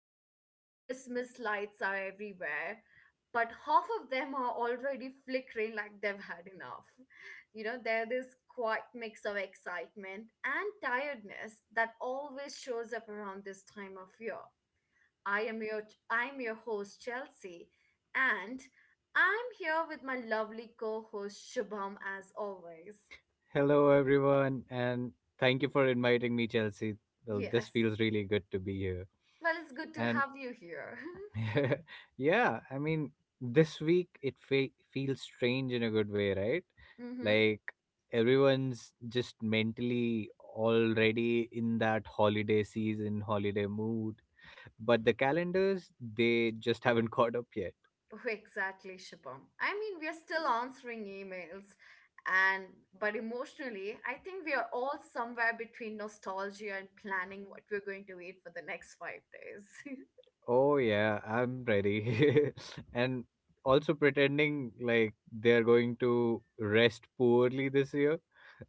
different. Christmas lights are everywhere, but half of them are already flickering like they've had enough. You know, there's this quiet mix of excitement and tiredness that always shows up around this time of year. I am your I'm your host Chelsea and I'm here with my lovely co-host Shubham as always. Hello, everyone, and thank you for inviting me, Chelsea. Well, this Yes. feels really good to be here. Well, it's good to And have you here. yeah, I mean, this week it feels strange in a good way, right? Mm-hmm. Like everyone's just mentally already in that holiday season, holiday mood, but the calendars, they just haven't caught up yet. Oh, exactly, Shubham. I mean, we are still answering emails, and but emotionally, I think we are all somewhere between nostalgia and planning what we're going to eat for the next 5 days. Oh yeah, I'm ready. and Also pretending like they're going to rest poorly this year.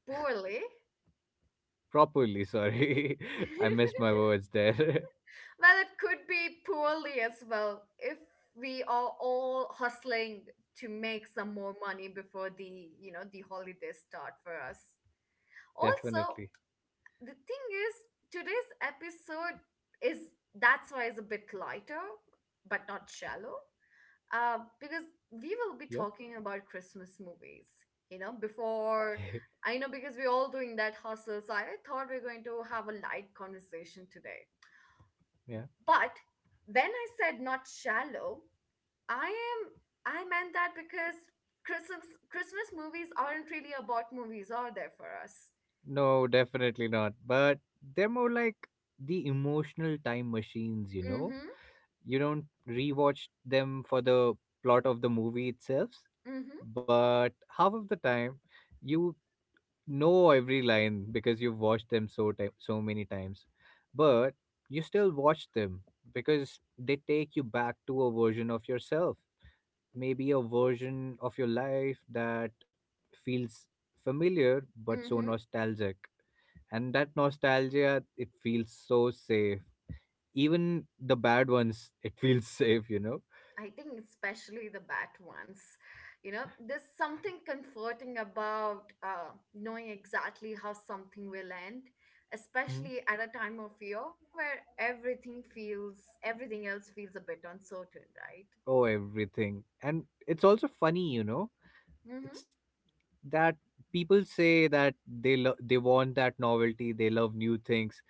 Poorly. Properly, sorry. I missed my words there. Well, it could be poorly as well if we are all hustling to make some more money before the holidays start for us. Also, Definitely. the thing is, today's episode is that's why it's a bit lighter, but not shallow, because we will be Yep. talking about Christmas movies. You know, before I know because we're all doing that hustle, so I thought we're going to have a light conversation today Yeah. but when I said not shallow, I am I meant that because Christmas movies aren't really about movies, are they for us? No, definitely not. But they're more like the emotional time machines, you know? Mm-hmm. You don't rewatch them for the plot of the movie itself, Mm-hmm. but half of the time you know every line because you've watched them so so many times, but you still watch them because they take you back to a version of yourself, maybe a version of your life that feels familiar but so Mm-hmm. nostalgic. And that nostalgia, it feels so safe. Even the bad ones, it feels safe. I think especially the bad ones. You know, there's something comforting about knowing exactly how something will end, Mhm. especially at a time of year where everything else feels a bit uncertain, right? Oh everything. And it's also funny, Mm-hmm. it's that people say that they they want that novelty, they love new things,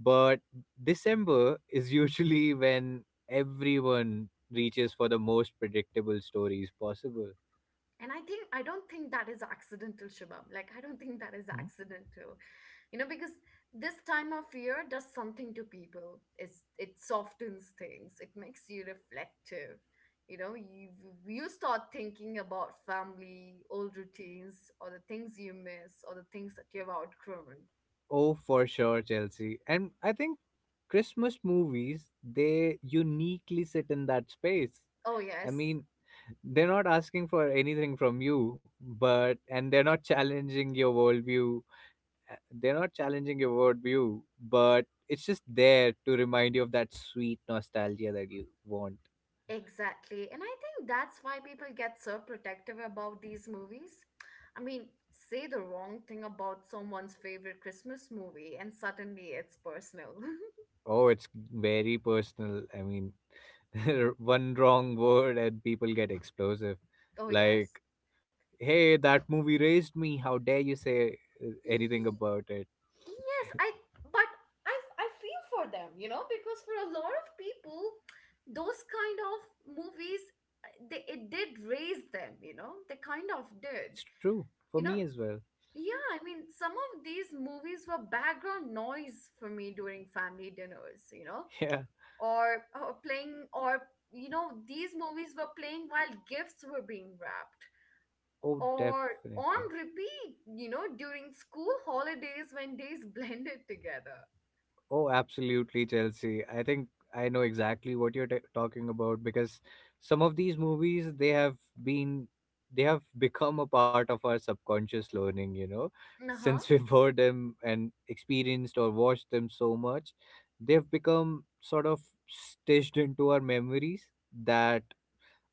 but December is usually when everyone reaches for the most predictable stories possible. And I don't think that is accidental, Shubham. Like I don't think that is Mhm. accidental. You know, because this time of year does something to people. It softens things. It makes you reflective. You know, you start thinking about family, old routines, or the things you miss, or the things that you've outgrown. Oh for sure, Chelsea. And I think Christmas movies, they uniquely sit in that space. Oh I yes, mean, they're not asking for anything from you, but and they're not challenging your worldview. They're not challenging your worldview, but it's just there to remind you of that sweet nostalgia that you want. exactly. And I think that's why people get so protective about these movies. I mean, say the wrong thing about someone's favorite Christmas movie, and suddenly it's personal. Oh, it's very personal. I mean, one wrong word and people get explosive. Oh, yes. Like, hey, that movie raised me. How dare you say anything Ye- about it? Yes, but I feel for them, you know, because for a lot of people, those kind of movies, it did raise them, you know, they kind of did. It's true for You me know, as well. yeah, I mean, some of these movies were background noise for me during family dinners, you know, Yeah. You know, these movies were playing while gifts were being wrapped, Oh, or definitely. on repeat, you know, during school holidays when days blended together. Oh, absolutely, Chelsea. I think I know exactly what you're talking about because some of these movies, they have been, they have become a part of our subconscious learning, you know, Uh since huh. we've heard them and experienced or watched them so much, they've become sort of stitched into our memories that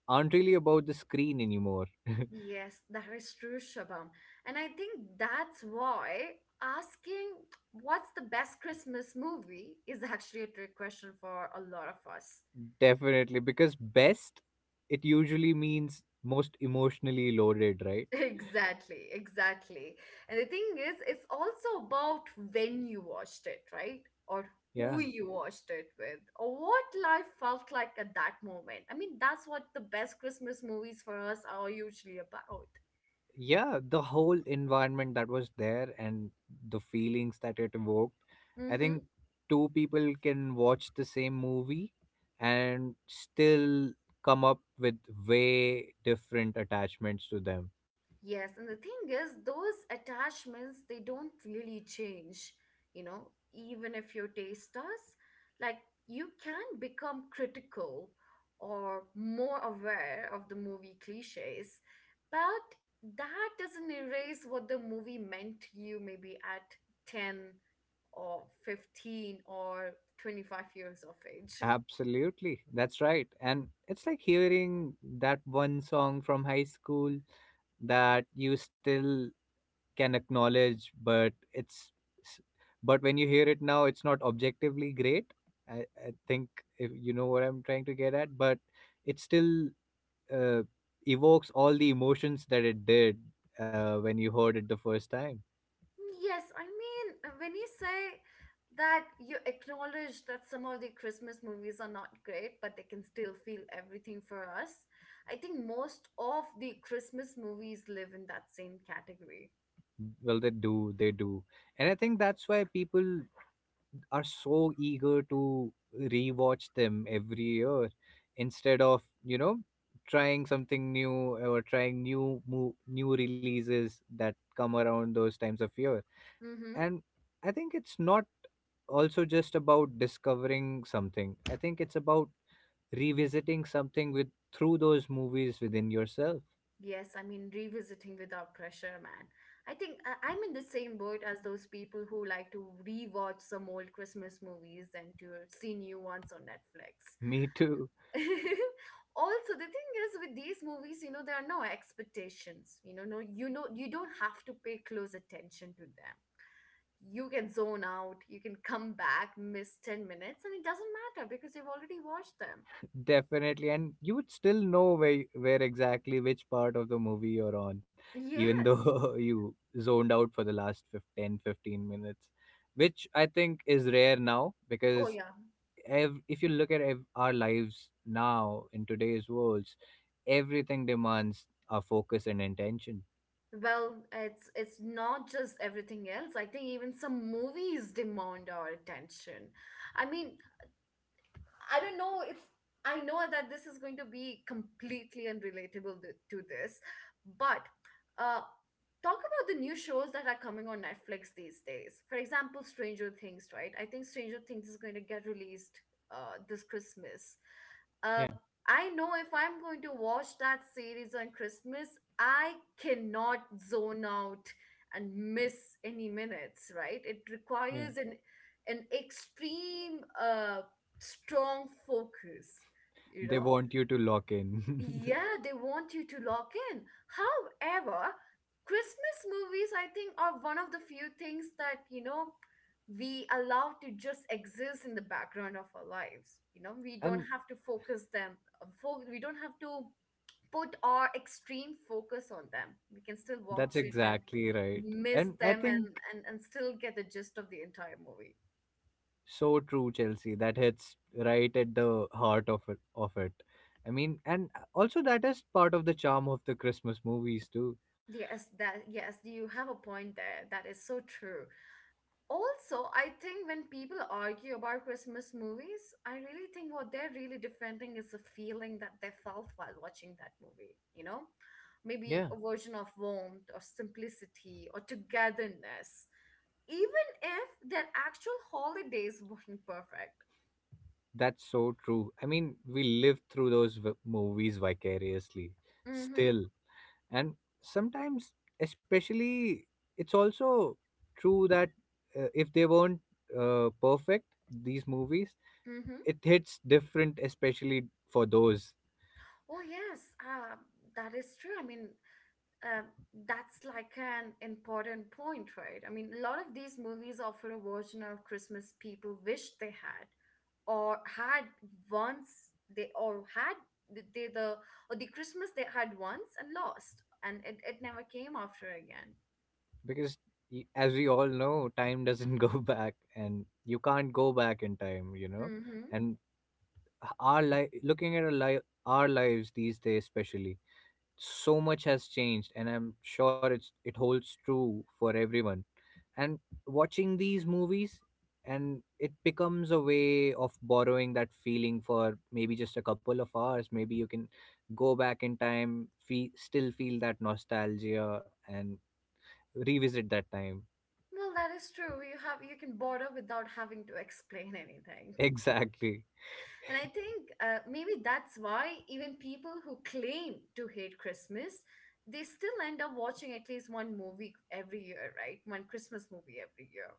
aren't really about the screen anymore. Yes, that is true, Shabam. And I think that's why asking what's the best Christmas movie is actually a trick question for a lot of us. Definitely, because best, it usually means most emotionally loaded, right? Exactly, exactly. And the thing is, it's also about when you watched it, right? Or who Yeah. you watched it with, or what life felt like at that moment. I mean, that's what the best Christmas movies for us are usually about. Yeah, the whole environment that was there and the feelings that it evoked. I think Mm-hmm. two people can watch the same movie and still come up with way different attachments to them. Yes, and the thing is, those attachments, they don't really change, you know, even if your taste does. Like, you can become critical or more aware of the movie cliches, but that doesn't erase what the movie meant to you maybe at 10 or 15 or 25 years of age. Absolutely, that's right. And it's like hearing that one song from high school that you still can acknowledge, but it's s- but when you hear it now, it's not objectively great. I think, if you know what I'm trying to get at, but it still uh, evokes all the emotions that it did when you heard it the first time. Mm, yes, I mean, when you say that you acknowledge that some of the Christmas movies are not great, but they can still feel everything for us, I think most of the Christmas movies live in that same category. Well, they do, they do. And I think that's why people are so eager to rewatch them every year instead of, you know, trying something new or trying new new releases that come around those times of year. Mm-hmm. And I think it's not also just about discovering something. I think it's about revisiting something with, through those movies within yourself. Yes, I mean, revisiting without pressure, man. I'm in the same boat as those people who like to rewatch some old Christmas movies than to see new ones on Netflix. Me too. Also, the thing is with these movies, you know, there are no expectations. You know, you don't have to pay close attention to them. You can zone out, you can come back, miss 10 minutes, and it doesn't matter because you've already watched them. Definitely, and you would still know where exactly which part of the movie you're on, even Yes. though you zoned out for the last 10, 15 minutes, which I think is rare now Oh because yeah. If you look at our lives now in today's worlds, everything demands our focus and intention. Well, it's not just everything else. I think even some movies demand our attention. I mean, I don't know. It's I know that this is going to be completely unrelatable to this, but uh, talk about the new shows that are coming on Netflix these days. For example, Stranger Things, right? I think Stranger Things is going to get released this Christmas. Uh, Yeah, I know if I'm going to watch that series on Christmas, I cannot zone out and miss any minutes, right? It yeah. requires an extreme strong focus, you They know. want you to lock in, Yeah, they want you to lock in. However, Christmas movies, I think, are one of the few things that, you know, we allow to just exist in the background of our lives. You know, we don't and have to focus them, we don't have to put our extreme focus on them. We can still that's watch it and exactly right. miss And I them, think, and still get the gist of the entire movie. so true, Chelsea. That hits right at the heart of it. I mean, and also that is part of the charm of the Christmas movies too. Yes, that yes you have a point there, that is so true. Also, I think when people argue about Christmas movies, I really think what they're really defending is the feeling that they felt while watching that movie, you know? Maybe Yeah, a version of warmth or simplicity or togetherness, even if their actual holidays weren't perfect. that's so true. I mean, we live through those movies vicariously, Mm hmm. still, and sometimes, especially, it's also true that if they weren't perfect, these movies, Mm hmm. it hits different, especially for those. Oh, yes, that is true. I mean, uh, that's like an important point, right? I mean, a lot of these movies offer a version of Christmas people wish they had or had once they or had th- they the or the Christmas they had once and lost and it never came after again. Because as we all know, time doesn't go back and you can't go back in time, you know. Mm-hmm. And our life, looking at our lives these days especially, so much has changed, and I'm sure it's, it holds true for everyone. And watching these movies, and it becomes a way of borrowing that feeling for maybe just a couple of hours. Maybe you can go back in time, still feel that nostalgia and revisit that time. Well, that is true. You can border without having to explain anything. Exactly. And I think maybe that's why even people who claim to hate Christmas, they still end up watching at least one movie every year, right? One Christmas movie every year.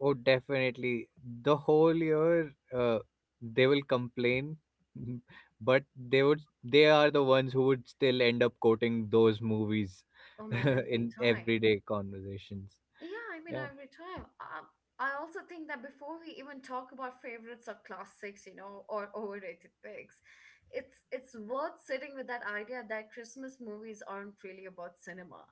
Oh, definitely. The whole year, they will complain, but they are the ones who would still end up quoting those movies Oh man, every in time. everyday conversations. Yeah, I mean, Yeah. every time. I also think that before we even talk about favorites or classics, you know, or overrated picks, it's worth sitting with that idea that Christmas movies aren't really about cinema.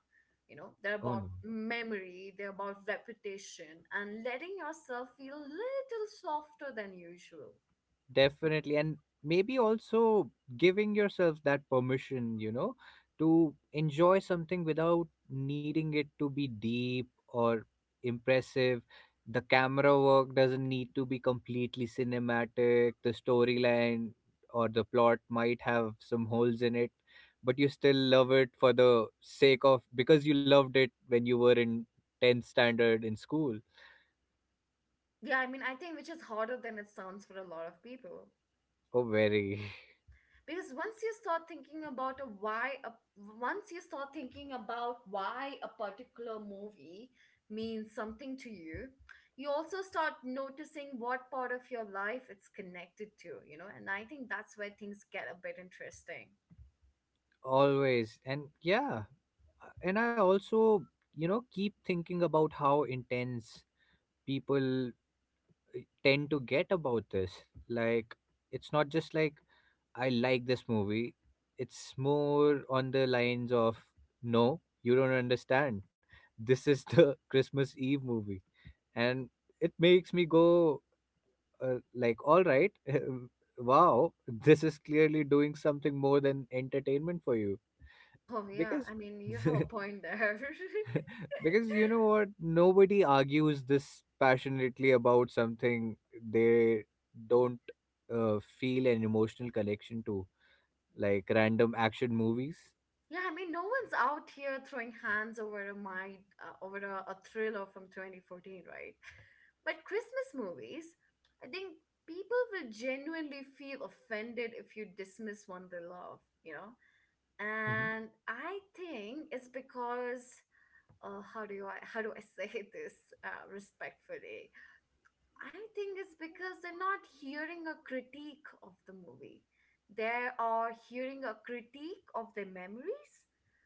You know, they're Oh no. about memory, they're about reputation, and letting yourself feel a little softer than usual. Definitely. And maybe also giving yourself that permission, you know, to enjoy something without needing it to be deep or impressive. The camera work doesn't need to be completely cinematic. The storyline or the plot might have some holes in it, but you still love it for the sake of, because you loved it when you were in 10th standard in school. Yeah, I mean, I think which is harder than it sounds for a lot of people. Oh, very. Because once you start thinking about why a particular movie means something to you, you also start noticing what part of your life it's connected to, you know, and I think that's where things get a bit interesting. Always. And yeah. And I also, you know, keep thinking about how intense people tend to get about this. Like, it's not just like, I like this movie. It's more on the lines of, no, you don't understand, this is the Christmas Eve movie. And it makes me go, like, all right, wow, this is clearly doing something more than entertainment for you. Oh yeah, Because I mean, you have a point there. because you know what, nobody argues this passionately about something they don't feel an emotional connection to, like random action movies. Yeah, I mean, no one's out here throwing hands over over a thriller from 2014, right? But Christmas movies, I think people will genuinely feel offended if you dismiss one they love, you know? Mhm. And I think it's because, how do I say this respectfully? I think it's because they're not hearing a critique of the movie. They are hearing a critique of their memories.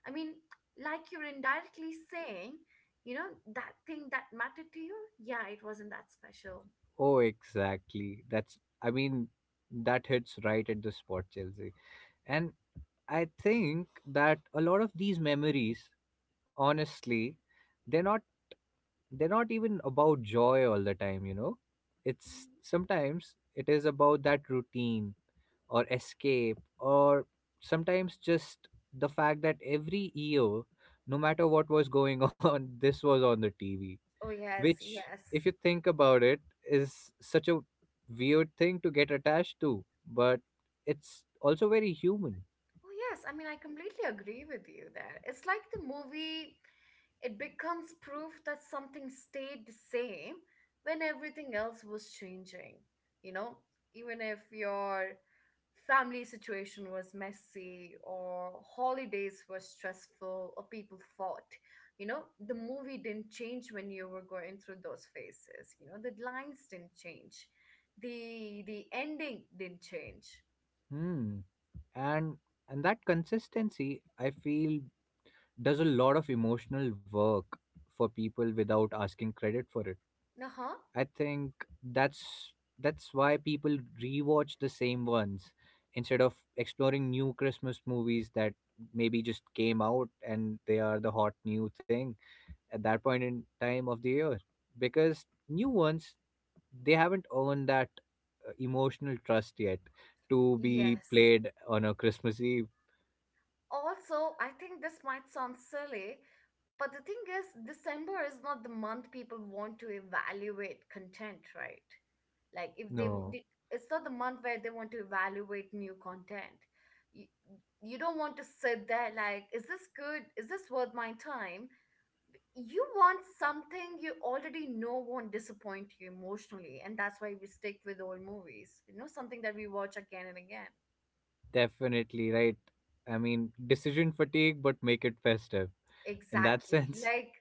I mean, like you're indirectly saying, you know, that thing that mattered to you, yeah, it wasn't that special. Oh exactly, that's, I mean, that hits right at the spot, Chelsea. And I think that a lot of these memories, honestly, they're not they're not even about joy all the time, you know. It's sometimes it is about that routine or escape, or sometimes just the fact that every year, no matter what was going on, this was on the TV, Oh, yes, which, yes. if you think about it, is such a weird thing to get attached to, but it's also very human. Oh, yes. I mean, I completely agree with you there. It's like the movie. It becomes proof that something stayed the same when everything else was changing. You know, even if your family situation was messy or holidays were stressful or people fought, you know, the movie didn't change when you were going through those phases. You know, the lines didn't change. The ending didn't change. Hmm. and and that consistency, I feel, does a lot of emotional work for people without asking credit for it. Uh-huh. I think that's that's why people rewatch the same ones instead of exploring new Christmas movies that maybe just came out and they are the hot new thing at that point in time of the year, because new ones, they haven't earned that emotional trust yet to be Yes. played on a Christmas Eve. Also, I think this might sound silly, but the thing is, December is not the month people want to evaluate content, right? Like if they, w- No, they It's not the month where they want to evaluate new content. You, you don't want to sit there like, is this good? Is this worth my time? You want something you already know won't disappoint you emotionally, and that's why we stick with old movies. You know, something that we watch again and again. definitely right. I mean, decision fatigue, but make it festive in that Exactly. sense. Like,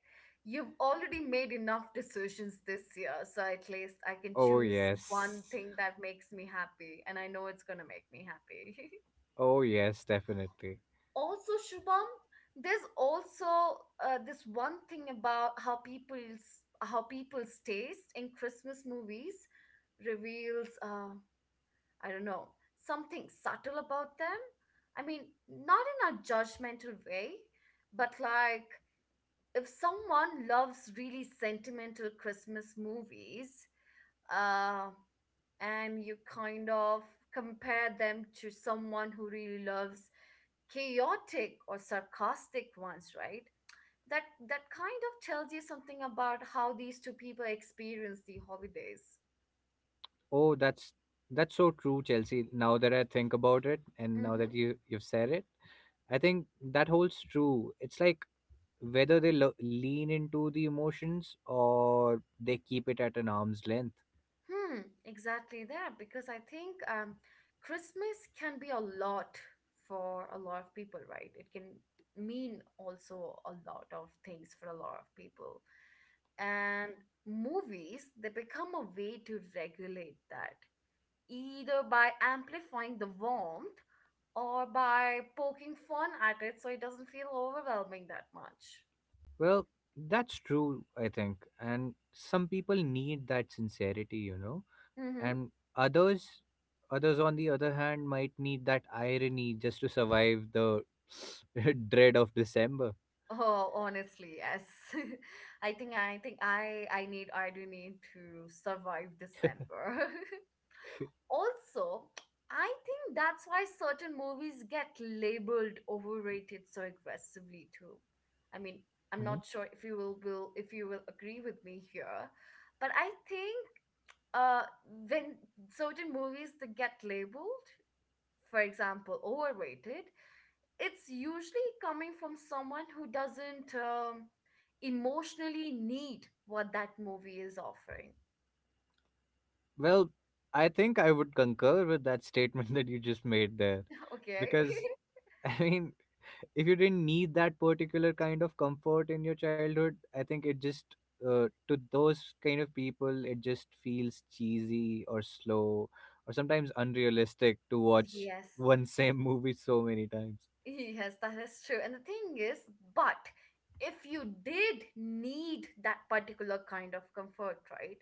you've already made enough decisions this year, so at least I can Oh, choose one yes. thing that makes me happy, and I know it's gonna make me happy. Oh yes, definitely. Also, Shubham, there's also this one thing about how people's taste in Christmas movies reveals, I don't know, something subtle about them. I mean, not in a judgmental way, but like, if someone loves really sentimental Christmas movies, uh, and you kind of compare them to someone who really loves chaotic or sarcastic ones, right? That that kind of tells you something about how these two people experience the holidays. Oh, that's so true, Chelsea. Now that I think about it, and now that Mm-hmm. You've said it, I think that holds true. It's like whether they lean into the emotions or they keep it at an arm's length. Hmm, exactly that. Because I think Christmas can be a lot for a lot of people, right? It can mean also a lot of things for a lot of people. And movies, they become a way to regulate that, either by amplifying the warmth or by poking fun at it so it doesn't feel overwhelming that much. Well, that's true, I think. And some people need that sincerity, you know, Mm-hmm. and others, others on the other hand might need that irony just to survive the dread of December. Oh, honestly, yes. I think I do need to survive December. Also, I think that's why certain movies get labeled overrated so aggressively too. I mean, I'm Mm-hmm. not sure if you will if you will agree with me here, but I think uh when certain movies that get labeled, for example, overrated, it's usually coming from someone who doesn't emotionally need what that movie is offering. Well, I think I would concur with that statement that you just made there. Okay. Because, I mean, if you didn't need that particular kind of comfort in your childhood, I think it just, to those kind of people, it just feels cheesy or slow or sometimes unrealistic to watch Yes, one same movie so many times. yes, that is true. And the thing is, but if you did need that particular kind of comfort, right?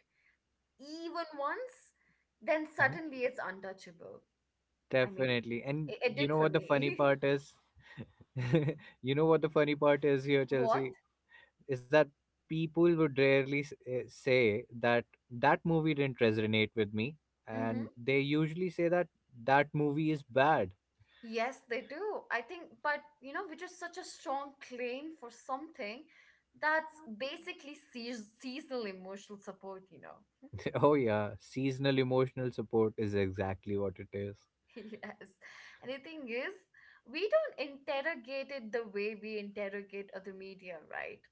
Even once, then suddenly Mhm. it's untouchable. I mean, Definitely. And it you did know for what the funny me. part is? You know what the funny part is here, What? Chelsea? Is that people would rarely say that that movie didn't resonate with me, Mm-hmm. and they usually say that that movie is bad. Yes, they do. I think, but you know, which is such a strong claim for something that's basically seasonal emotional support. Oh yeah, seasonal emotional support is exactly what it is. Yes. And the thing is, we don't interrogate it the way we interrogate other media, right?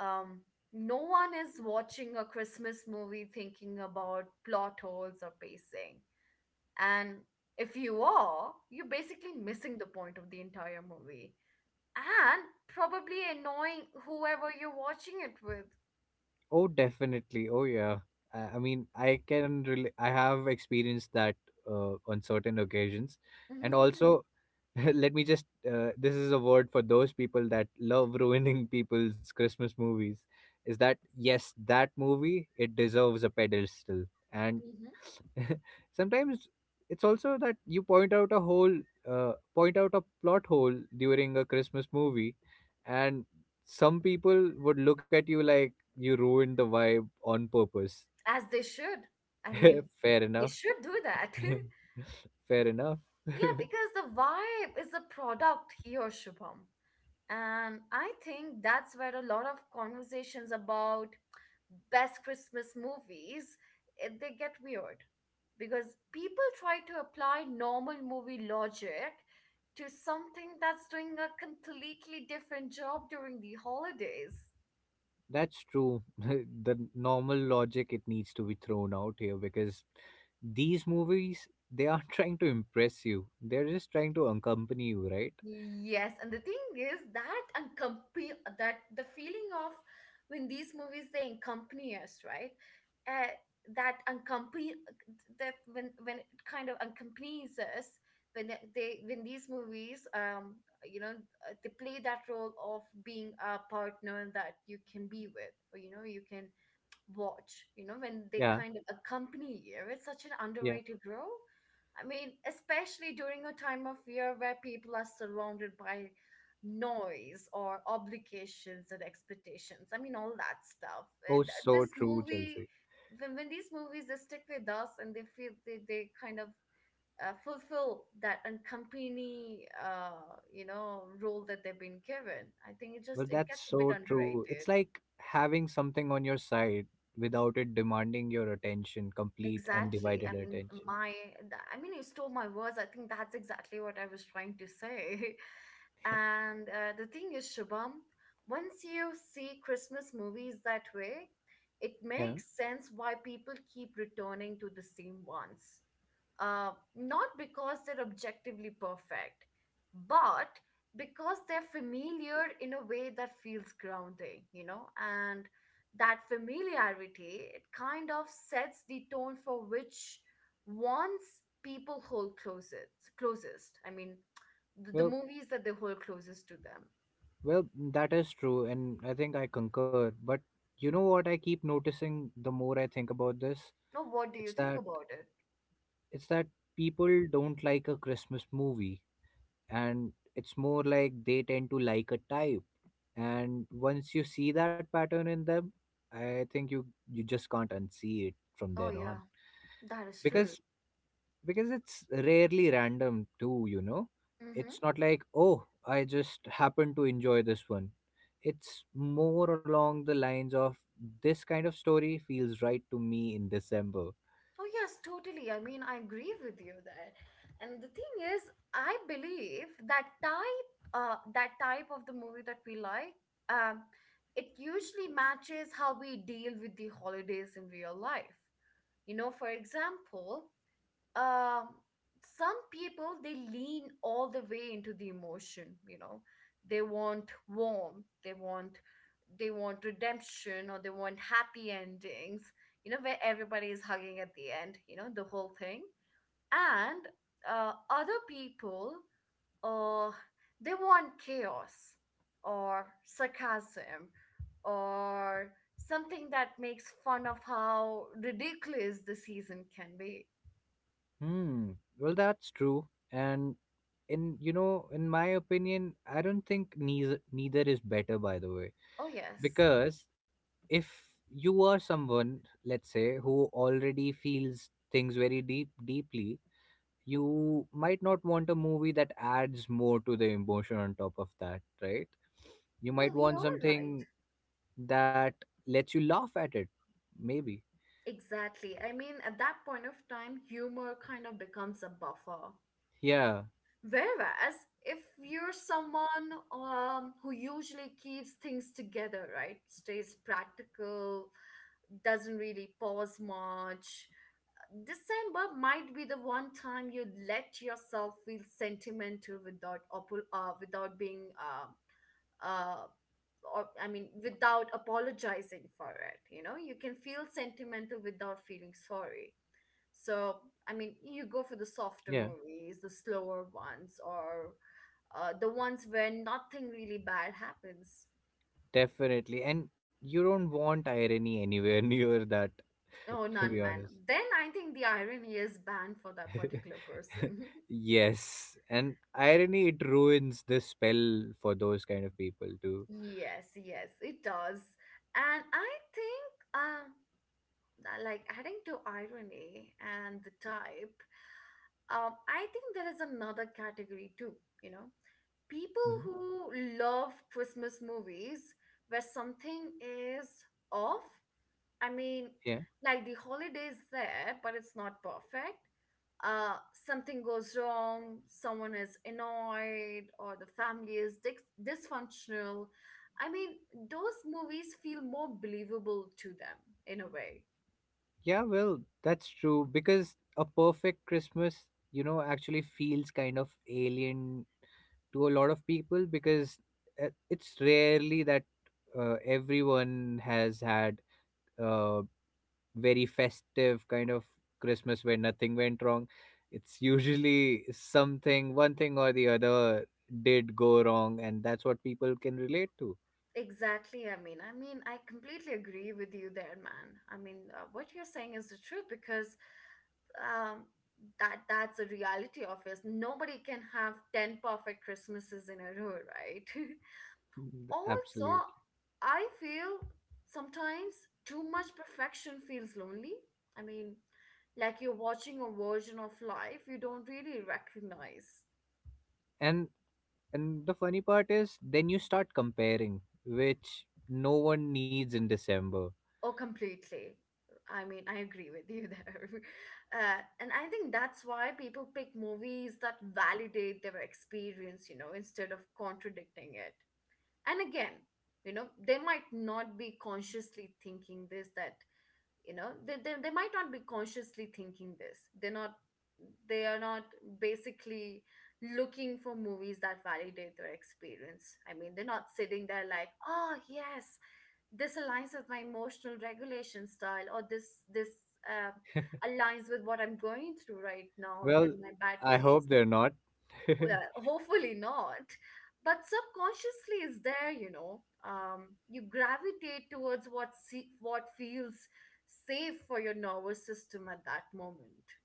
Um, no one is watching a Christmas movie thinking about plot holes or pacing. And if you are, you're basically missing the point of the entire movie and probably annoying whoever you're watching it with. Oh definitely, oh yeah, I mean, I can really, I have experienced that on certain occasions. And also, let me just, this is a word for those people that love ruining people's Christmas movies. Is that, yes, that movie, it deserves a pedestal. And Mhm. sometimes it's also that you point out a hole, point out a plot hole during a Christmas movie, and some people would look at you like you ruined the vibe on purpose. As they should. I mean, Fair they enough. should do that. Fair enough. Yeah, because the vibe is a product here, Shubham. And I think that's where a lot of conversations about best Christmas movies, they get weird because people try to apply normal movie logic to something that's doing a completely different job during the holidays. That's true. The normal logic, it needs to be thrown out here because these movies, they aren't trying to impress you. They're just trying to accompany you, right? Yes, and the thing is that and company that the feeling of when these movies they accompany us, right? Uh, that accompany that when it kind of accompanies us when these movies you know they play that role of being a partner that you can be with or you know you can watch, you know, when they Yeah, kind of accompany you. It's such an yeah. underrated role. Especially during a time of year where people are surrounded by noise or obligations and expectations. I mean, all that stuff. Oh, so This true, movie, Chelsea. when, these movies, they stick with us and they feel they kind of fulfill that accompany, you know, role that they've been given. I think it just, Well, it that's gets a bit so true. It's underrated. like having something on your side without it demanding your attention, complete Exactly. Undivided attention. my, I mean, you stole my words. I think that's exactly what I was trying to say. And the thing is, Shubham, once you see Christmas movies that way, it Yeah. makes sense why people keep returning to the same ones. Uh, Not because they're objectively perfect, but because they're familiar in a way that feels grounding, you know? And that familiarity it kind of sets the tone for which ones people hold closest closest I mean the Well, movies that they hold closest to them. well, that is true and I think I concur, but you know what I keep noticing the more I think about this? Now, what do you It's think that, about it? it's that people don't like a Christmas movie, and it's more like they tend to like a type. And once you see that pattern in them, I think you just can't unsee it from Oh then yeah, on. that is because true. because it's rarely random too, it's Mm-hmm. not like, oh, I just happen to enjoy this one. It's more along the lines of, this kind of story feels right to me in December. Oh yes, totally. I agree with you there. And the thing is, I believe that type of the movie that we like um, it usually matches how we deal with the holidays in real life, you know. For example, um some people, they lean all the way into the emotion, you know. they want warmth they want they want redemption, or they want happy endings, you know, where everybody is hugging at the end, you know, the whole thing. And other people, or they want chaos, or sarcasm, or something that makes fun of how ridiculous the season can be. hmm well, that's true. And in you know in my opinion, I don't think neither is better, by the way. Oh, yes. Because if you are someone, let's say, who already feels things very deeply, you might not want a movie that adds more to the emotion on top of that, right? You might Well, want you're right. something that lets you laugh at it, maybe. Exactly. I mean, at that point of time, humor kind of becomes a buffer. Yeah Whereas, if you're someone who usually keeps things together, right, stays practical, doesn't really pause much, December might be the one time you let yourself feel sentimental without oppo- without being uh, or, I mean without apologizing for it. You know, you can feel sentimental without feeling sorry. So you go for the softer yeah. movies, the slower ones, or the ones where nothing really bad happens. Definitely, and you don't want irony anywhere near that, Oh, to be none, man. honest. Then I think the irony is banned for that particular person. Yes, and irony, it ruins the spell for those kind of people too. Yes, yes, it does. And I think, like adding to irony and the type, I think there is another category too, you know, people Mhm. who love Christmas movies where something is off. I mean, Yeah. like the holiday is there, but it's not perfect. Uh, Something goes wrong, someone is annoyed, or the family is dysfunctional. I mean, those movies feel more believable to them in a way. Yeah, well, that's true, because a perfect Christmas, you know, actually feels kind of alien to a lot of people. Because it's rarely that everyone has had uh, very festive kind of Christmas where nothing went wrong. It's usually something, one thing or the other did go wrong, and that's what people can relate to. Exactly. I completely agree with you there, man. What you're saying is the truth because um, that's the reality of us. Nobody can have ten perfect Christmases in a row, right? Mm, Also, absolutely. I feel sometimes too much perfection feels lonely. I mean, like you're watching a version of life you don't really recognize And and the funny part is then you start comparing, which no one needs in December. or completely. I agree with you there. And I think that's why people pick movies that validate their experience, you know, instead of contradicting it. And again, you know, they might not be consciously thinking this that they might not be consciously thinking this. They are not basically looking for movies that validate their experience. They're not sitting there like, oh yes, this aligns with my emotional regulation style, or this uh, aligns with what I'm going through right now Well, and my bad I phase. hope they're not. Yeah, hopefully not. But subconsciously is there, you know. You gravitate towards what feels safe for your nervous system at that moment.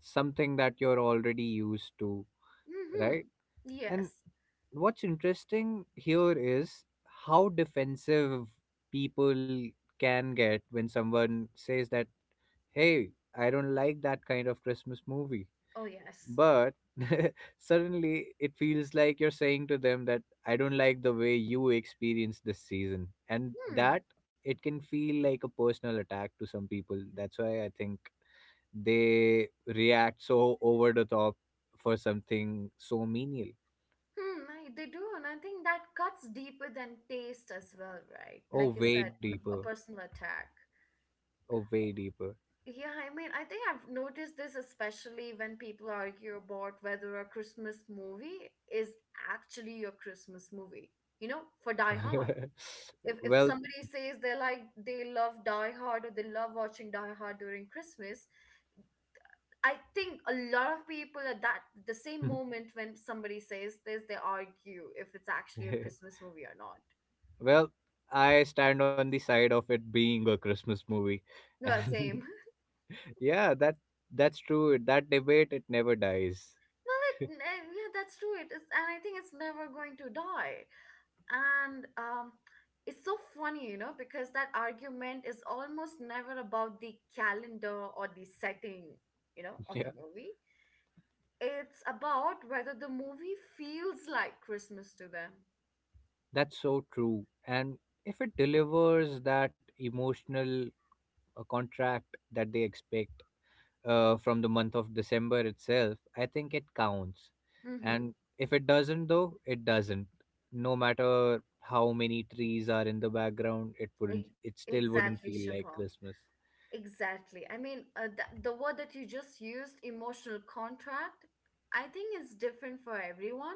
Something that you're already used to, Mm-hmm. right? And Yes. what's interesting here is how defensive people can get when someone says that, hey, I don't like that kind of Christmas movie. Oh yes. But suddenly it feels like you're saying to them that I don't like the way you experience this season. And Hmm. that it can feel like a personal attack to some people. That's why I think they react so over the top for something so menial. They do, and I think that cuts deeper than taste as well, right? Oh, like you way said m- a deeper. personal attack. Oh, way deeper. Yeah, I think I've noticed this especially when people argue about whether a Christmas movie is actually a Christmas movie. You know, for Die Hard. If Well, somebody says they love Die Hard, or they love watching Die Hard during Christmas, I think a lot of people at that the same moment when somebody says this, they argue if it's actually a Christmas movie or not. well, I stand on the side of it being a Christmas movie, Well, and same. yeah, that's true. That debate, it never dies. Well, yeah, that's true. It is, and I think it's never going to die. And it's so funny, you know, because that argument is almost never about the calendar or the setting, you know, of Yeah, the movie. It's about whether the movie feels like Christmas to them. that's so true. And if it delivers that emotional contract that they expect, from the month of December itself, I think it counts. Mm-hmm. And if it doesn't, though, it doesn't. No matter how many trees are in the background, it wouldn't. E- It still wouldn't exactly, feel like Shubham. Christmas. Exactly. The word that you just used, emotional contract, I think is different for everyone.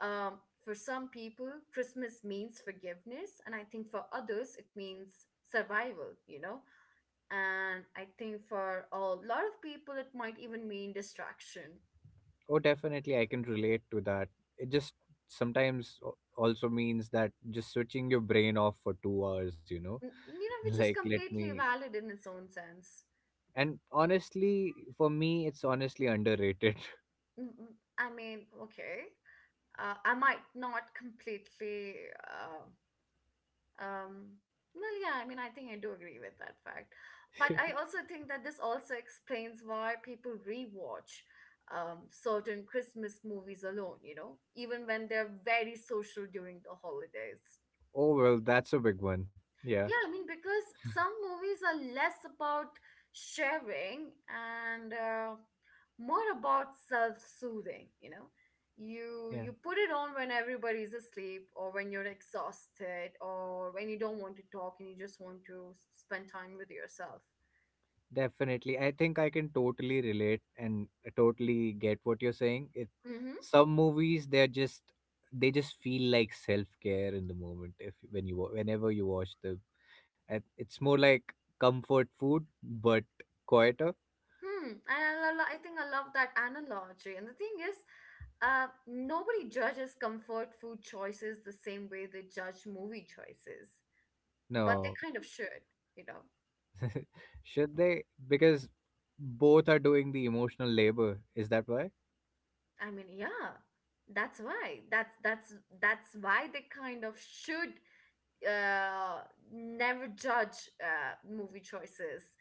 For some people, Christmas means forgiveness, and I think for others, it means survival, you know? And I think for a lot of people, it might even mean distraction. Oh, definitely, I can relate to that. It just sometimes also means that just switching your brain off for 2 hours, you know, You know, which like is let completely me. valid in its own sense. And honestly, for me, it's honestly underrated. Okay, I might not completely. Uh, Um, well, yeah, I think I do agree with that fact. But I also think that this also explains why people rewatch certain Christmas movies alone, you know, even when they're very social during the holidays. Oh well, that's a big one. Yeah, Yeah, because some movies are less about sharing and more about self-soothing, you know. you yeah. you put it on when everybody's asleep, or when you're exhausted, or when you don't want to talk and you just want to spend time with yourself. Definitely. I think I can totally relate and totally get what you're saying. It Mm-hmm. some movies, they're just they just feel like self-care in the moment if when you whenever you watch them. And it's more like comfort food, but quieter. I think I love that analogy, and the thing is, nobody judges comfort food choices the same way they judge movie choices, but they No. kind of should, you know. Should they, because both are doing the emotional labor. Is that why? i mean yeah that's why that's that's that's why they kind of should uh, never judge movie choices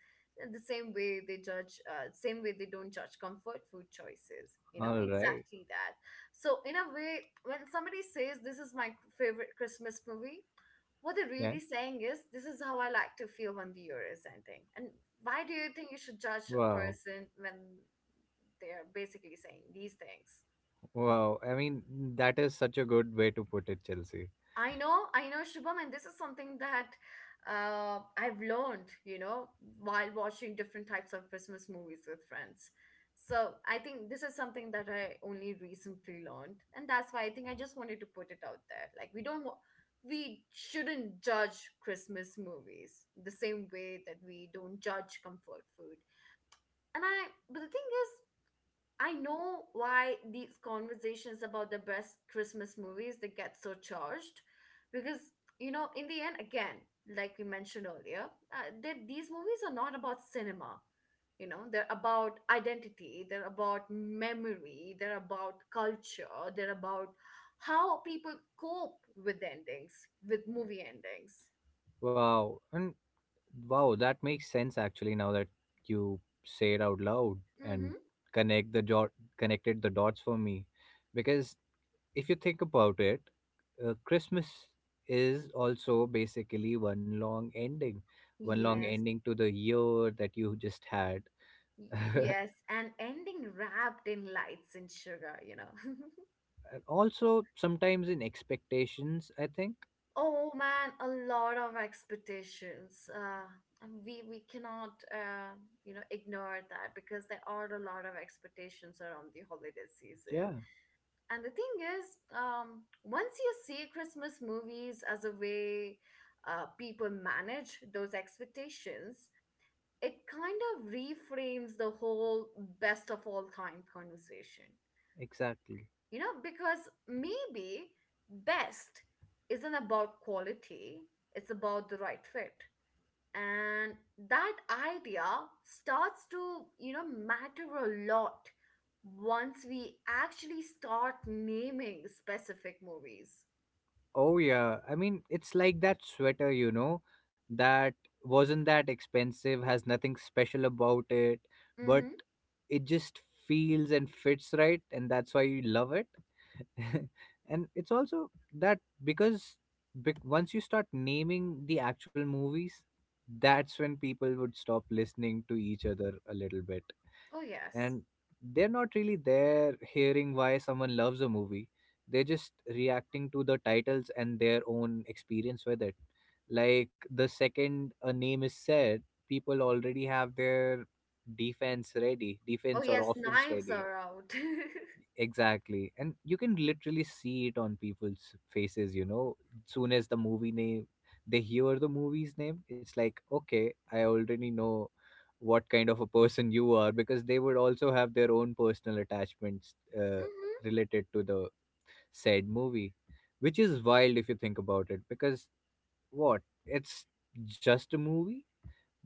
in the same way they judge same way they don't judge comfort food choices, you know, All right. exactly that. So in a way, when somebody says this is my favorite Christmas movie, what they're Yeah. really saying is this is how I like to feel when the year is ending. And why do you think you should judge a Wow. person when they're basically saying these things? Wow. I mean, that is such a good way to put it, Chelsea. I know, Shubham, and this is something that I've learned, you know, while watching different types of Christmas movies with friends. So I think this is something that I only recently learned, and that's why I think I just wanted to put it out there. Like we don't, wa- we shouldn't judge Christmas movies the same way that we don't judge comfort food. But the thing is, I know why these conversations about the best Christmas movies they get so charged because, you know, in the end, again, like we mentioned earlier, that these movies are not about cinema. You know, they're about identity, they're about memory, they're about culture, they're about how people cope with endings, with movie endings. Wow. And wow, that makes sense, actually, now that you say it out loud and Mm-hmm. connect the dot connected the dots for me. Because if you think about it, Christmas is also basically one long Yes, ending to the year that you just had. And yes, and ending wrapped in lights and sugar, you know. also sometimes in expectations, I think. Oh man, a lot of expectations. And we cannot, ignore that because there are a lot of expectations around the holiday season. Yeah, And the thing is, once you see Christmas movies as a way people manage those expectations, it kind of reframes the whole best of all time conversation. exactly. You know, because maybe best isn't about quality, it's about the right fit. And that idea starts to, matter a lot once we actually start naming specific movies. Oh yeah, I mean, it's like that sweater, you know, that wasn't that expensive, has nothing special about it, but Mm-hmm. it just feels and fits right, and that's why you love it. And it's also that because once you start naming the actual movies, that's when people would stop listening to each other a little bit, Oh, yes. and they're not really there hearing why someone loves a movie. They're just reacting to the titles and their own experience with it. Like the second a name is said, people already have their Oh, defense or yes, offense knives ready. are out. Mm-hmm. Exactly, and you can literally see it on people's faces, you know, soon as they hear the movie's name, it's like, okay, I already know what kind of a person you are, because they would also have their own personal attachments related to the said movie, which is wild if you think about it, because what? It's just a movie,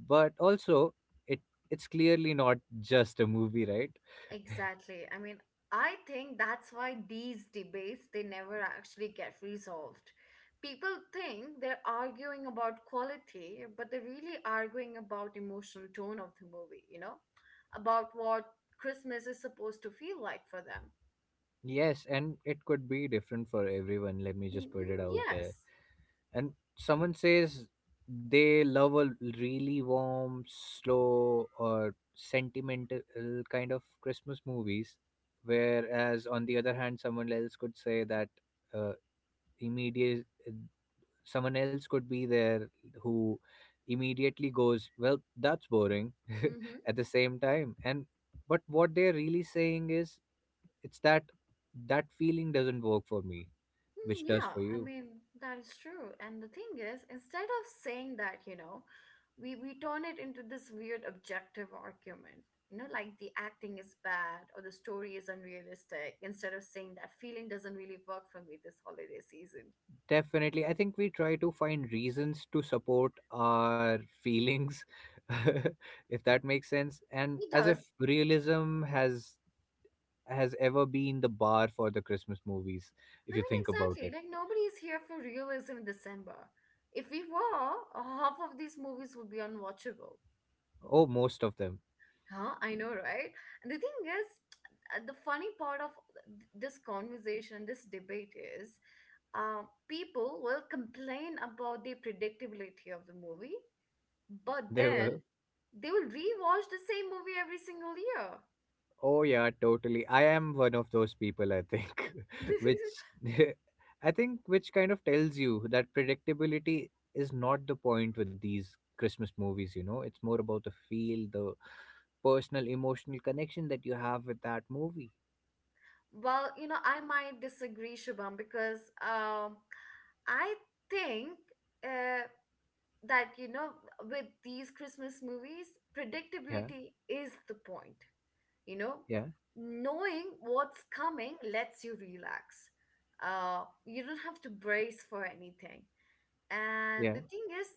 but also it it's clearly not just a movie, right? Exactly. I mean, I think that's why these debates they never actually get resolved. People think they're arguing about quality, but they're really arguing about emotional tone of the movie, you know? About what Christmas is supposed to feel like for them. Yes, and it could be different for everyone. Let me Mm. just put it out there. Yes. And someone says they love a really warm, slow, or sentimental kind of Christmas movies, whereas on the other hand, someone else could say that uh, immediate someone else could be there who immediately goes, well, that's boring. Mm-hmm. At the same time. And but what they're really saying is it's that that feeling doesn't work for me, Mm. which does Yeah, for I you. mean, that is true. And the thing is, instead of saying that, we turn it into this weird objective argument. You know, like the acting is bad or the story is unrealistic, instead of saying that feeling doesn't really work for me this holiday season. Definitely. I think we try to find reasons to support our feelings, if that makes sense, and It as if does. realism has ever been the bar for the Christmas movies, I if you mean, think about exactly. it. Like nobody is here for realism in December. If we were, half of these movies would be unwatchable. Oh, most of them. Huh? I know, right? And the thing is, the funny part of this conversation, this debate is, people will complain about the predictability of the movie, but They then were. they will rewatch the same movie every single year. Oh yeah, totally. I am one of those people, I think, which I think which kind of tells you that predictability is not the point with these Christmas movies, you know. It's more about the feel, the personal emotional connection that you have with that movie. Well, you know, I might disagree, Shubham, because um, I think uh, that, you know, with these Christmas movies, Yeah, predictability is the point. You know, yeah, knowing what's coming lets you relax. Uh, you don't have to brace for anything. And yeah. the thing is,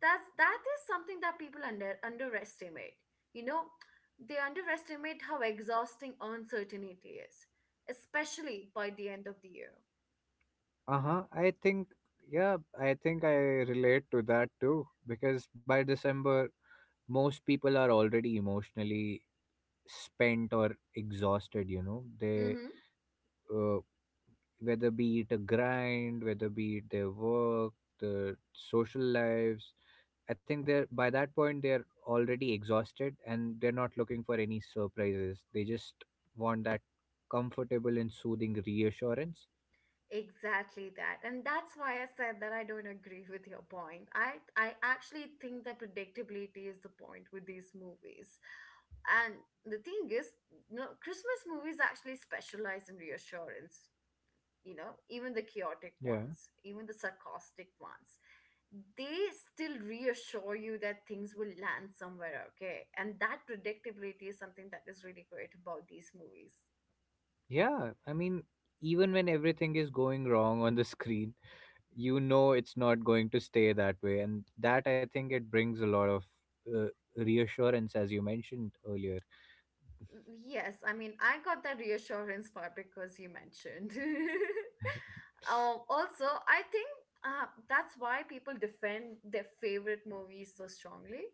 that's that is something that people underestimate. You know, they underestimate how exhausting uncertainty is, especially by the end of the year. Uh-huh. I think, yeah, I think I relate to that too, because by December most people are already emotionally spent or exhausted, you know. They Mm-hmm. uh, whether be it a grind, whether be it their work, the social lives. I think they're by that point, they're already exhausted and they're not looking for any surprises. They just want that comfortable and soothing reassurance. Exactly that. And that's why I said that I don't agree with your point. I actually think that predictability is the point with these movies. And the thing is, you know, Christmas movies actually specialize in reassurance, you know, even the chaotic Yeah. ones, even the sarcastic ones. They still reassure you that things will land somewhere okay. And that predictability is something that is really great about these movies. Yeah, I mean, even when everything is going wrong on the screen, you know it's not going to stay that way. And that, I think, it brings a lot of uh, reassurance, as you mentioned earlier. Yes, I mean, I got that reassurance part because you mentioned. Also, I think that's why people defend their favorite movies so strongly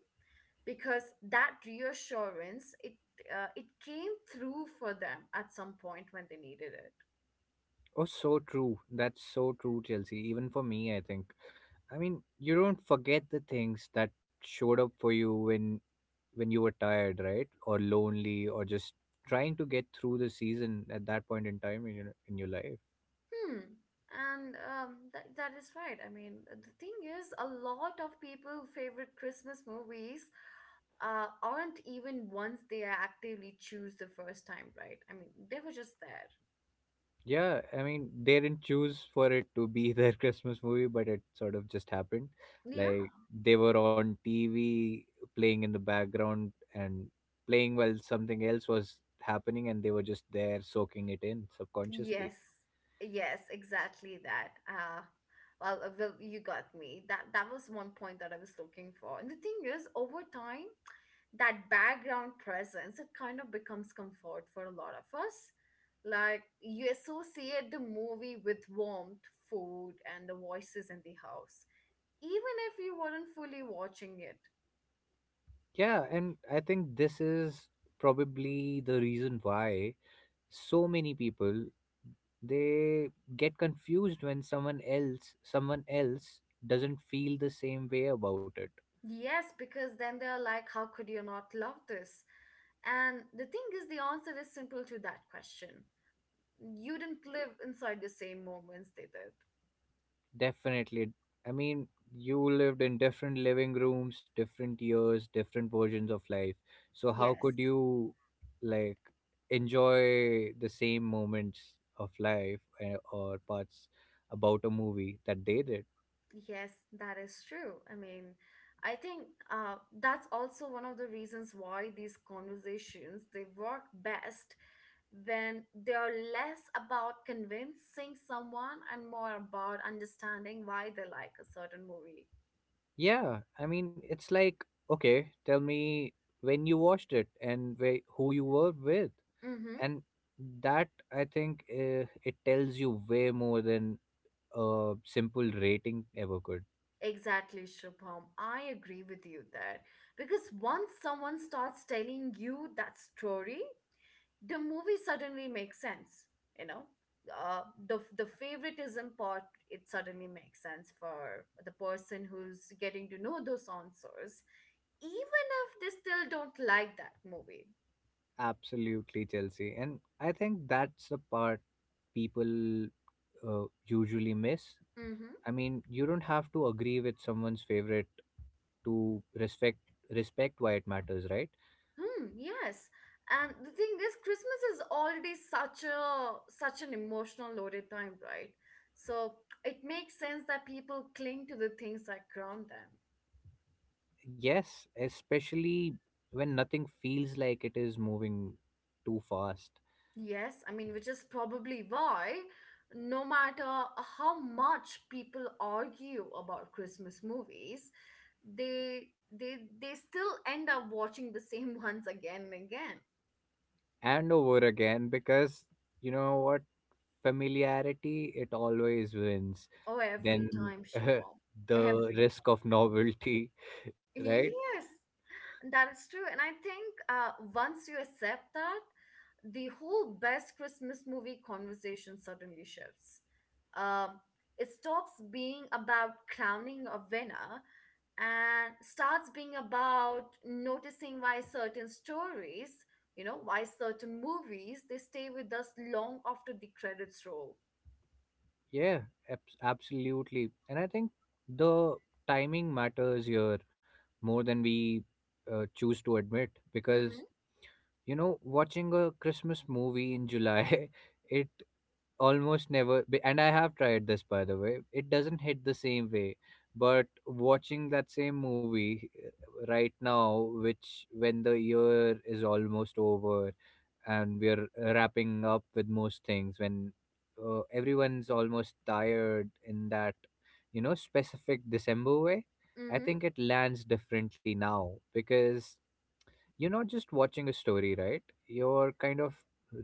because that reassurance it, it came through for them at some point when they needed it. Oh, so true. That's so true, Chelsea. Even for me, I think. I mean, you don't forget the things that showed up for you when you were tired, right? Or lonely, or just trying to get through the season at that point in time in your life. Hmm. And that, that is right. I mean, the thing is, a lot of people' favorite Christmas movies, aren't even ones they actively choose the first time, right? I mean, they were just there. Yeah, I mean, they didn't choose for it to be their Christmas movie, but it sort of just happened. Like Yeah. they were on TV playing in the background and playing while something else was happening, and they were just there soaking it in subconsciously. Yes. Yes, exactly that. Well, well, you got me. That was one point that I was looking for. And the thing is, over time, that background presence, it kind of becomes comfort for a lot of us. Like you associate the movie with warmth, food, and the voices in the house, even if you weren't fully watching it. Yeah, and I think this is probably the reason why so many people they get confused when someone else doesn't feel the same way about it. Yes, because then they're like, how could you not love this? And the thing is, the answer is simple to that question. You didn't live inside the same moments they did. Definitely. I mean, you lived in different living rooms, different years, different versions of life. So how could Yes. you like enjoy the same moments of life, eh, or parts about a movie that they did? Yes, that is true. I mean, I think that's also one of the reasons why these conversations they work best when they are less about convincing someone and more about understanding why they like a certain movie. Yeah, I mean, it's like, okay, tell me when you watched it and where, who you were with. Mm-hmm. And that, I think, it tells you way more than a simple rating ever could. Exactly, Shubham. I agree with you there. Because once someone starts telling you that story, the movie suddenly makes sense, you know, uh, the favoritism part, it suddenly makes sense for the person who's getting to know those answers, even if they still don't like that movie. Absolutely, Chelsea. And I think that's the part people usually miss. Mm-hmm. I mean, you don't have to agree with someone's favorite to respect why it matters, right? Hmm, yes. And the thing is, Christmas is already such a, such an emotional loaded time, right? So it makes sense that people cling to the things that ground them. Yes, especially when nothing feels like it is moving too fast. Yes, I mean, which is probably why, no matter how much people argue about Christmas movies, they still end up watching the same ones again and again. And over again, because you know what, familiarity, it always wins. Oh, every Then time, Shubham. the Every risk of time. novelty. Right. Yes. That is true. And I think, once you accept that, the whole best Christmas movie conversation suddenly shifts. Um, it stops being about crowning a winner and starts being about noticing why certain stories, you know, why certain movies, they stay with us long after the credits roll. Yeah, absolutely. And I think the timing matters here more than we choose to admit. Mm-hmm. Because, you know, watching a Christmas movie in July, it almost never and I have tried this, by the way, it doesn't hit the same way. But watching that same movie right now, which when the year is almost over and we are wrapping up with most things, when everyone's almost tired in that, you know, specific December way, I Mm-hmm. think it lands differently now. Because you're not just watching a story, right? You're kind of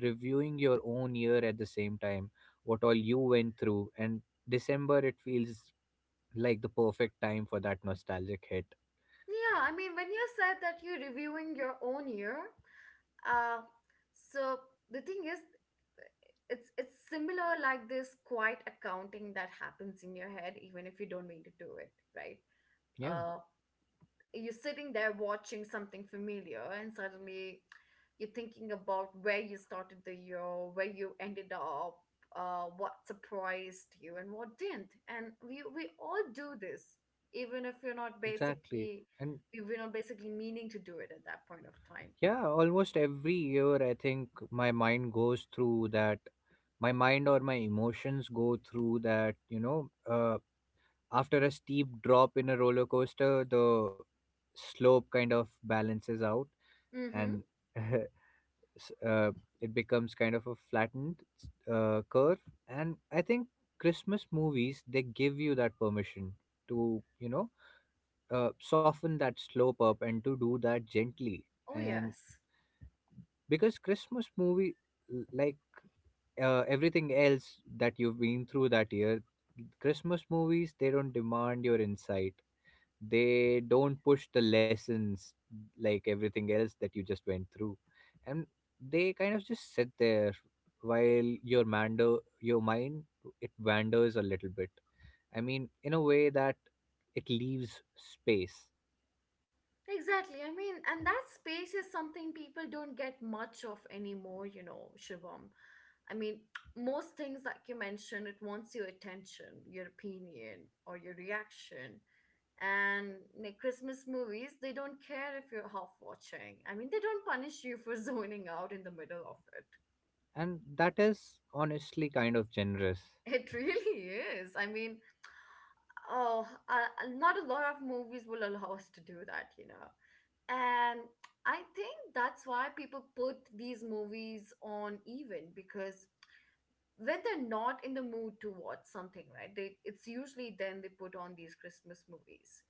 reviewing your own year at the same time, what all you went through. And December, it feels like the perfect time for that nostalgic hit. Yeah, I mean, when you said that you're reviewing your own year, Uh, so the thing is, it's similar like this quiet accounting that happens in your head even if you don't mean to do it, right? Yeah, Uh, you're sitting there watching something familiar, and suddenly you're thinking about where you started the year, where you ended up, what surprised you, and what didn't. And we all do this, even if you're not exactly. basically And if we're not basically meaning to do it at that point of time. yeah, almost every year, I think my mind goes through that. My mind or my emotions go through that, you know. After a steep drop in a roller coaster, the slope kind of balances out, Mm-hmm. and s- uh, it becomes kind of a flattened curve. And I think Christmas movies, they give you that permission to, you know, soften that slope up and to do that gently. Oh And yes. because christmas movie l- like everything else that you've been through that year, Christmas movies, they don't demand your insight. They don't push the lessons, like everything else that you just went through. And they kind of just sit there while your mando your mind, it wanders a little bit. I mean, in a way that it leaves space. Exactly. I mean, and that space is something people don't get much of anymore, you know, Shivam. I mean, most things, like you mentioned, it wants your attention, your opinion, or your reaction. And like Christmas movies, they don't care if you're half watching. I mean, they don't punish you for zoning out in the middle of it. And that is honestly kind of generous. It really is. I mean, oh, not a lot of movies will allow us to do that, you know. And I think that's why people put these movies on even because when they're not in the mood to watch something, right? They it's usually then they put on these Christmas movies.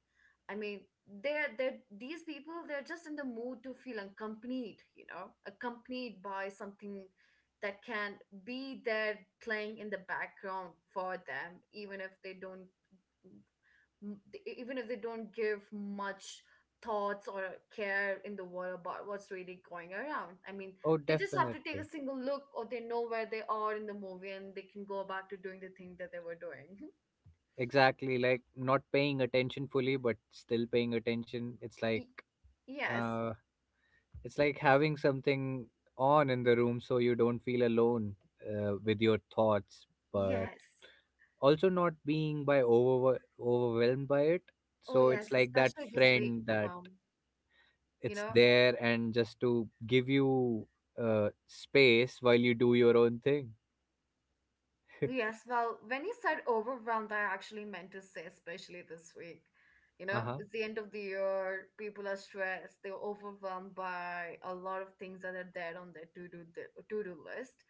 I mean, they're these people they're just in the mood to feel accompanied, you know, accompanied by something that can be there playing in the background for them, even if they don't even if they don't give much thoughts or care in the world about what's really going around. I mean, Oh, they just have to take a definitely. single look or they know where they are in the movie and they can go back to doing the thing that they were doing. Exactly, like not paying attention fully but still paying attention. It's like Y- yes, uh it's like having something on in the room so you don't feel alone with your thoughts, but yes. also not being by over overwhelmed by it. Oh, So yes, it's like that especially this week, friend that Shabam, you it's know? there and just to give you space while you do your own thing. Yes, well, when you said overwhelmed, I actually meant to say, especially this week. You know, Uh-huh. it's the end of the year, people are stressed, they're overwhelmed by a lot of things that are there on their to-do list,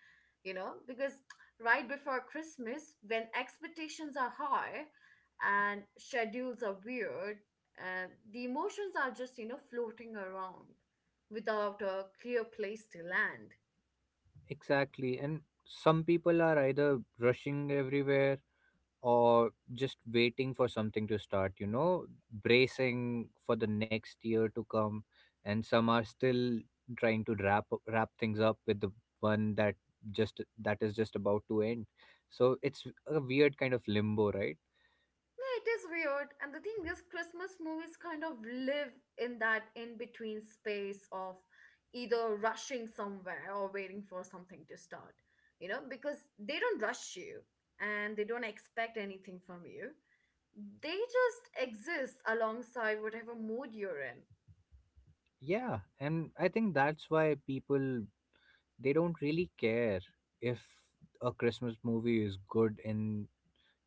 you know, because right before Christmas, when expectations are high and schedules are weird, and the emotions are just, you know, floating around without a clear place to land. Exactly. And some people are either rushing everywhere or just waiting for something to start, you know, bracing for the next year to come. And some are still trying to wrap things up with the one that just that is just about to end. So it's a weird kind of limbo, right? Yeah, it is weird. And the thing is, Christmas movies kind of live in that in between space of either rushing somewhere or waiting for something to start, you know, because they don't rush you and they don't expect anything from you. They just exist alongside whatever mood you're in. Yeah, and I think that's why people, they don't really care if a Christmas movie is good in,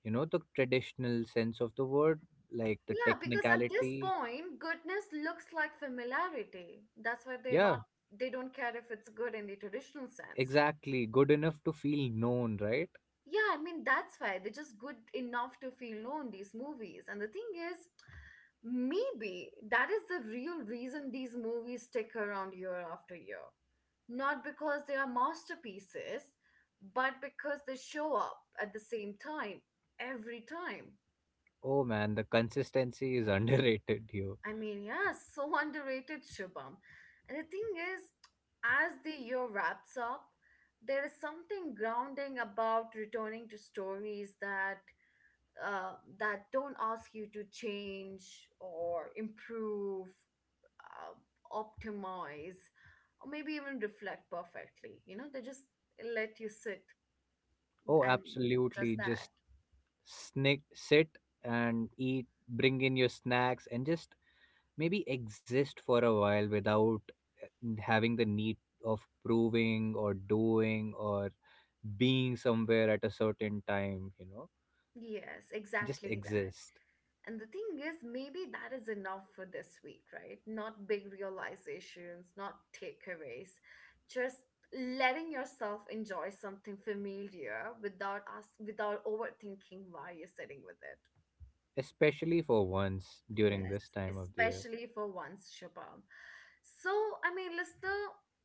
you know, the traditional sense of the word, like the Yeah, because at this technicality. point, goodness looks like familiarity. That's why they're Yeah, not, they don't care if it's good in the traditional sense. exactly. Good enough to feel known, right? Yeah, I mean, that's why they're just good enough to feel known, these movies. And the thing is, maybe that is the real reason these movies stick around year after year. Not because they are masterpieces, but because they show up at the same time, every time. Oh man, the consistency is underrated here. I mean, yeah, so underrated, Shubham. And the thing is, as the year wraps up, there is something grounding about returning to stories that, that don't ask you to change or improve, uh, optimize, or maybe even reflect perfectly. You know, they just let you sit Oh, and just absolutely. Just that. snick, sit and eat, bring in your snacks, and just maybe exist for a while without having the need of proving or doing or being somewhere at a certain time, you know? Yes, Just exactly that. exist, And the thing is, maybe that is enough for this week, right? Not big realizations, not takeaways, just letting yourself enjoy something familiar without us without overthinking why you're sitting with it. especially for once during Yes, this time of the year. especially for once, Shubham. So, I mean, listener,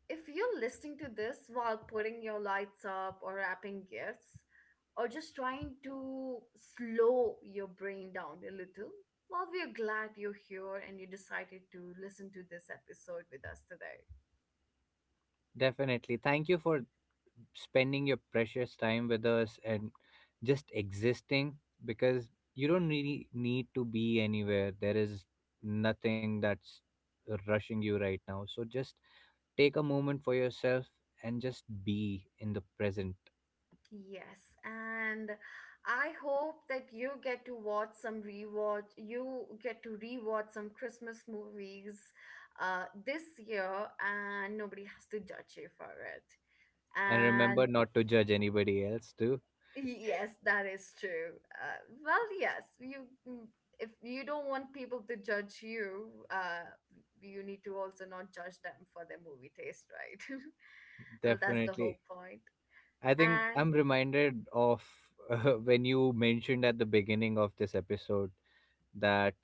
if you're listening to this while putting your lights up or wrapping gifts, or just trying to slow your brain down a little, well, we are glad you're here and you decided to listen to this episode with us today. Definitely. Thank you for spending your precious time with us and just existing, because you don't really need to be anywhere. There is nothing that's rushing you right now. So just take a moment for yourself and just be in the present. Yes, and I hope that you get to watch some rewatch, you get to rewatch some Christmas movies, this year, and nobody has to judge you for And remember it. not to judge anybody else, too. Yes, that is true. Well, yes, you if you don't want people to judge you, you need to also not judge them for their movie taste, right? Well, that's the Definitely. whole point. I think And I'm reminded of when you mentioned at the beginning of this episode that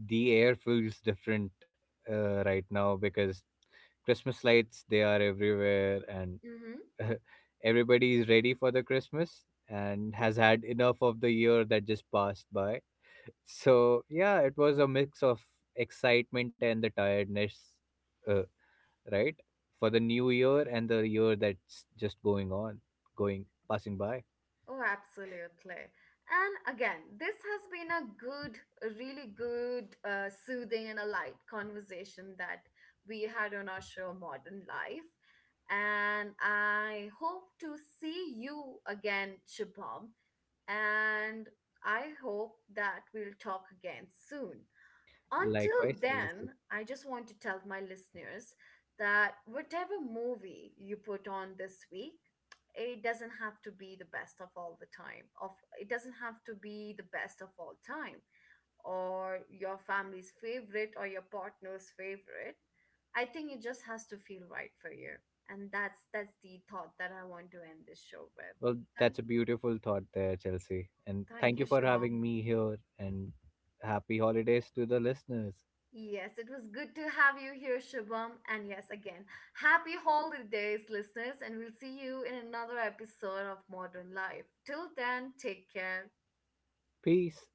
the air feels different right now because Christmas lights, they are everywhere, and mhm. everybody is ready for the Christmas and has had enough of the year that just passed by. So, yeah, it was a mix of excitement and the tiredness, uh, right? For the new year and the year that's just going, passing by. Oh, absolutely. And again, this has been a good, a really good, soothing and a light conversation that we had on our show, Modern Life. And I hope to see you again, Shabam. And I hope that we'll talk again soon until Likewise, Chelsea. then, I just want to tell my listeners that whatever movie you put on this week, it doesn't have to be the best of all the time. Of It doesn't have to be the best of all time or your family's favorite or your partner's favorite. I think it just has to feel right for you. And that's the thought that I want to end this show with. Well, Thank that's a beautiful thought there, Chelsea. And Thank thank you, you for Shubham. having me here and happy holidays to the listeners. Yes, it was good to have you here, Shubham. And yes, again, happy holidays, listeners. And we'll see you in another episode of Modern Life. Till then, take care. Peace.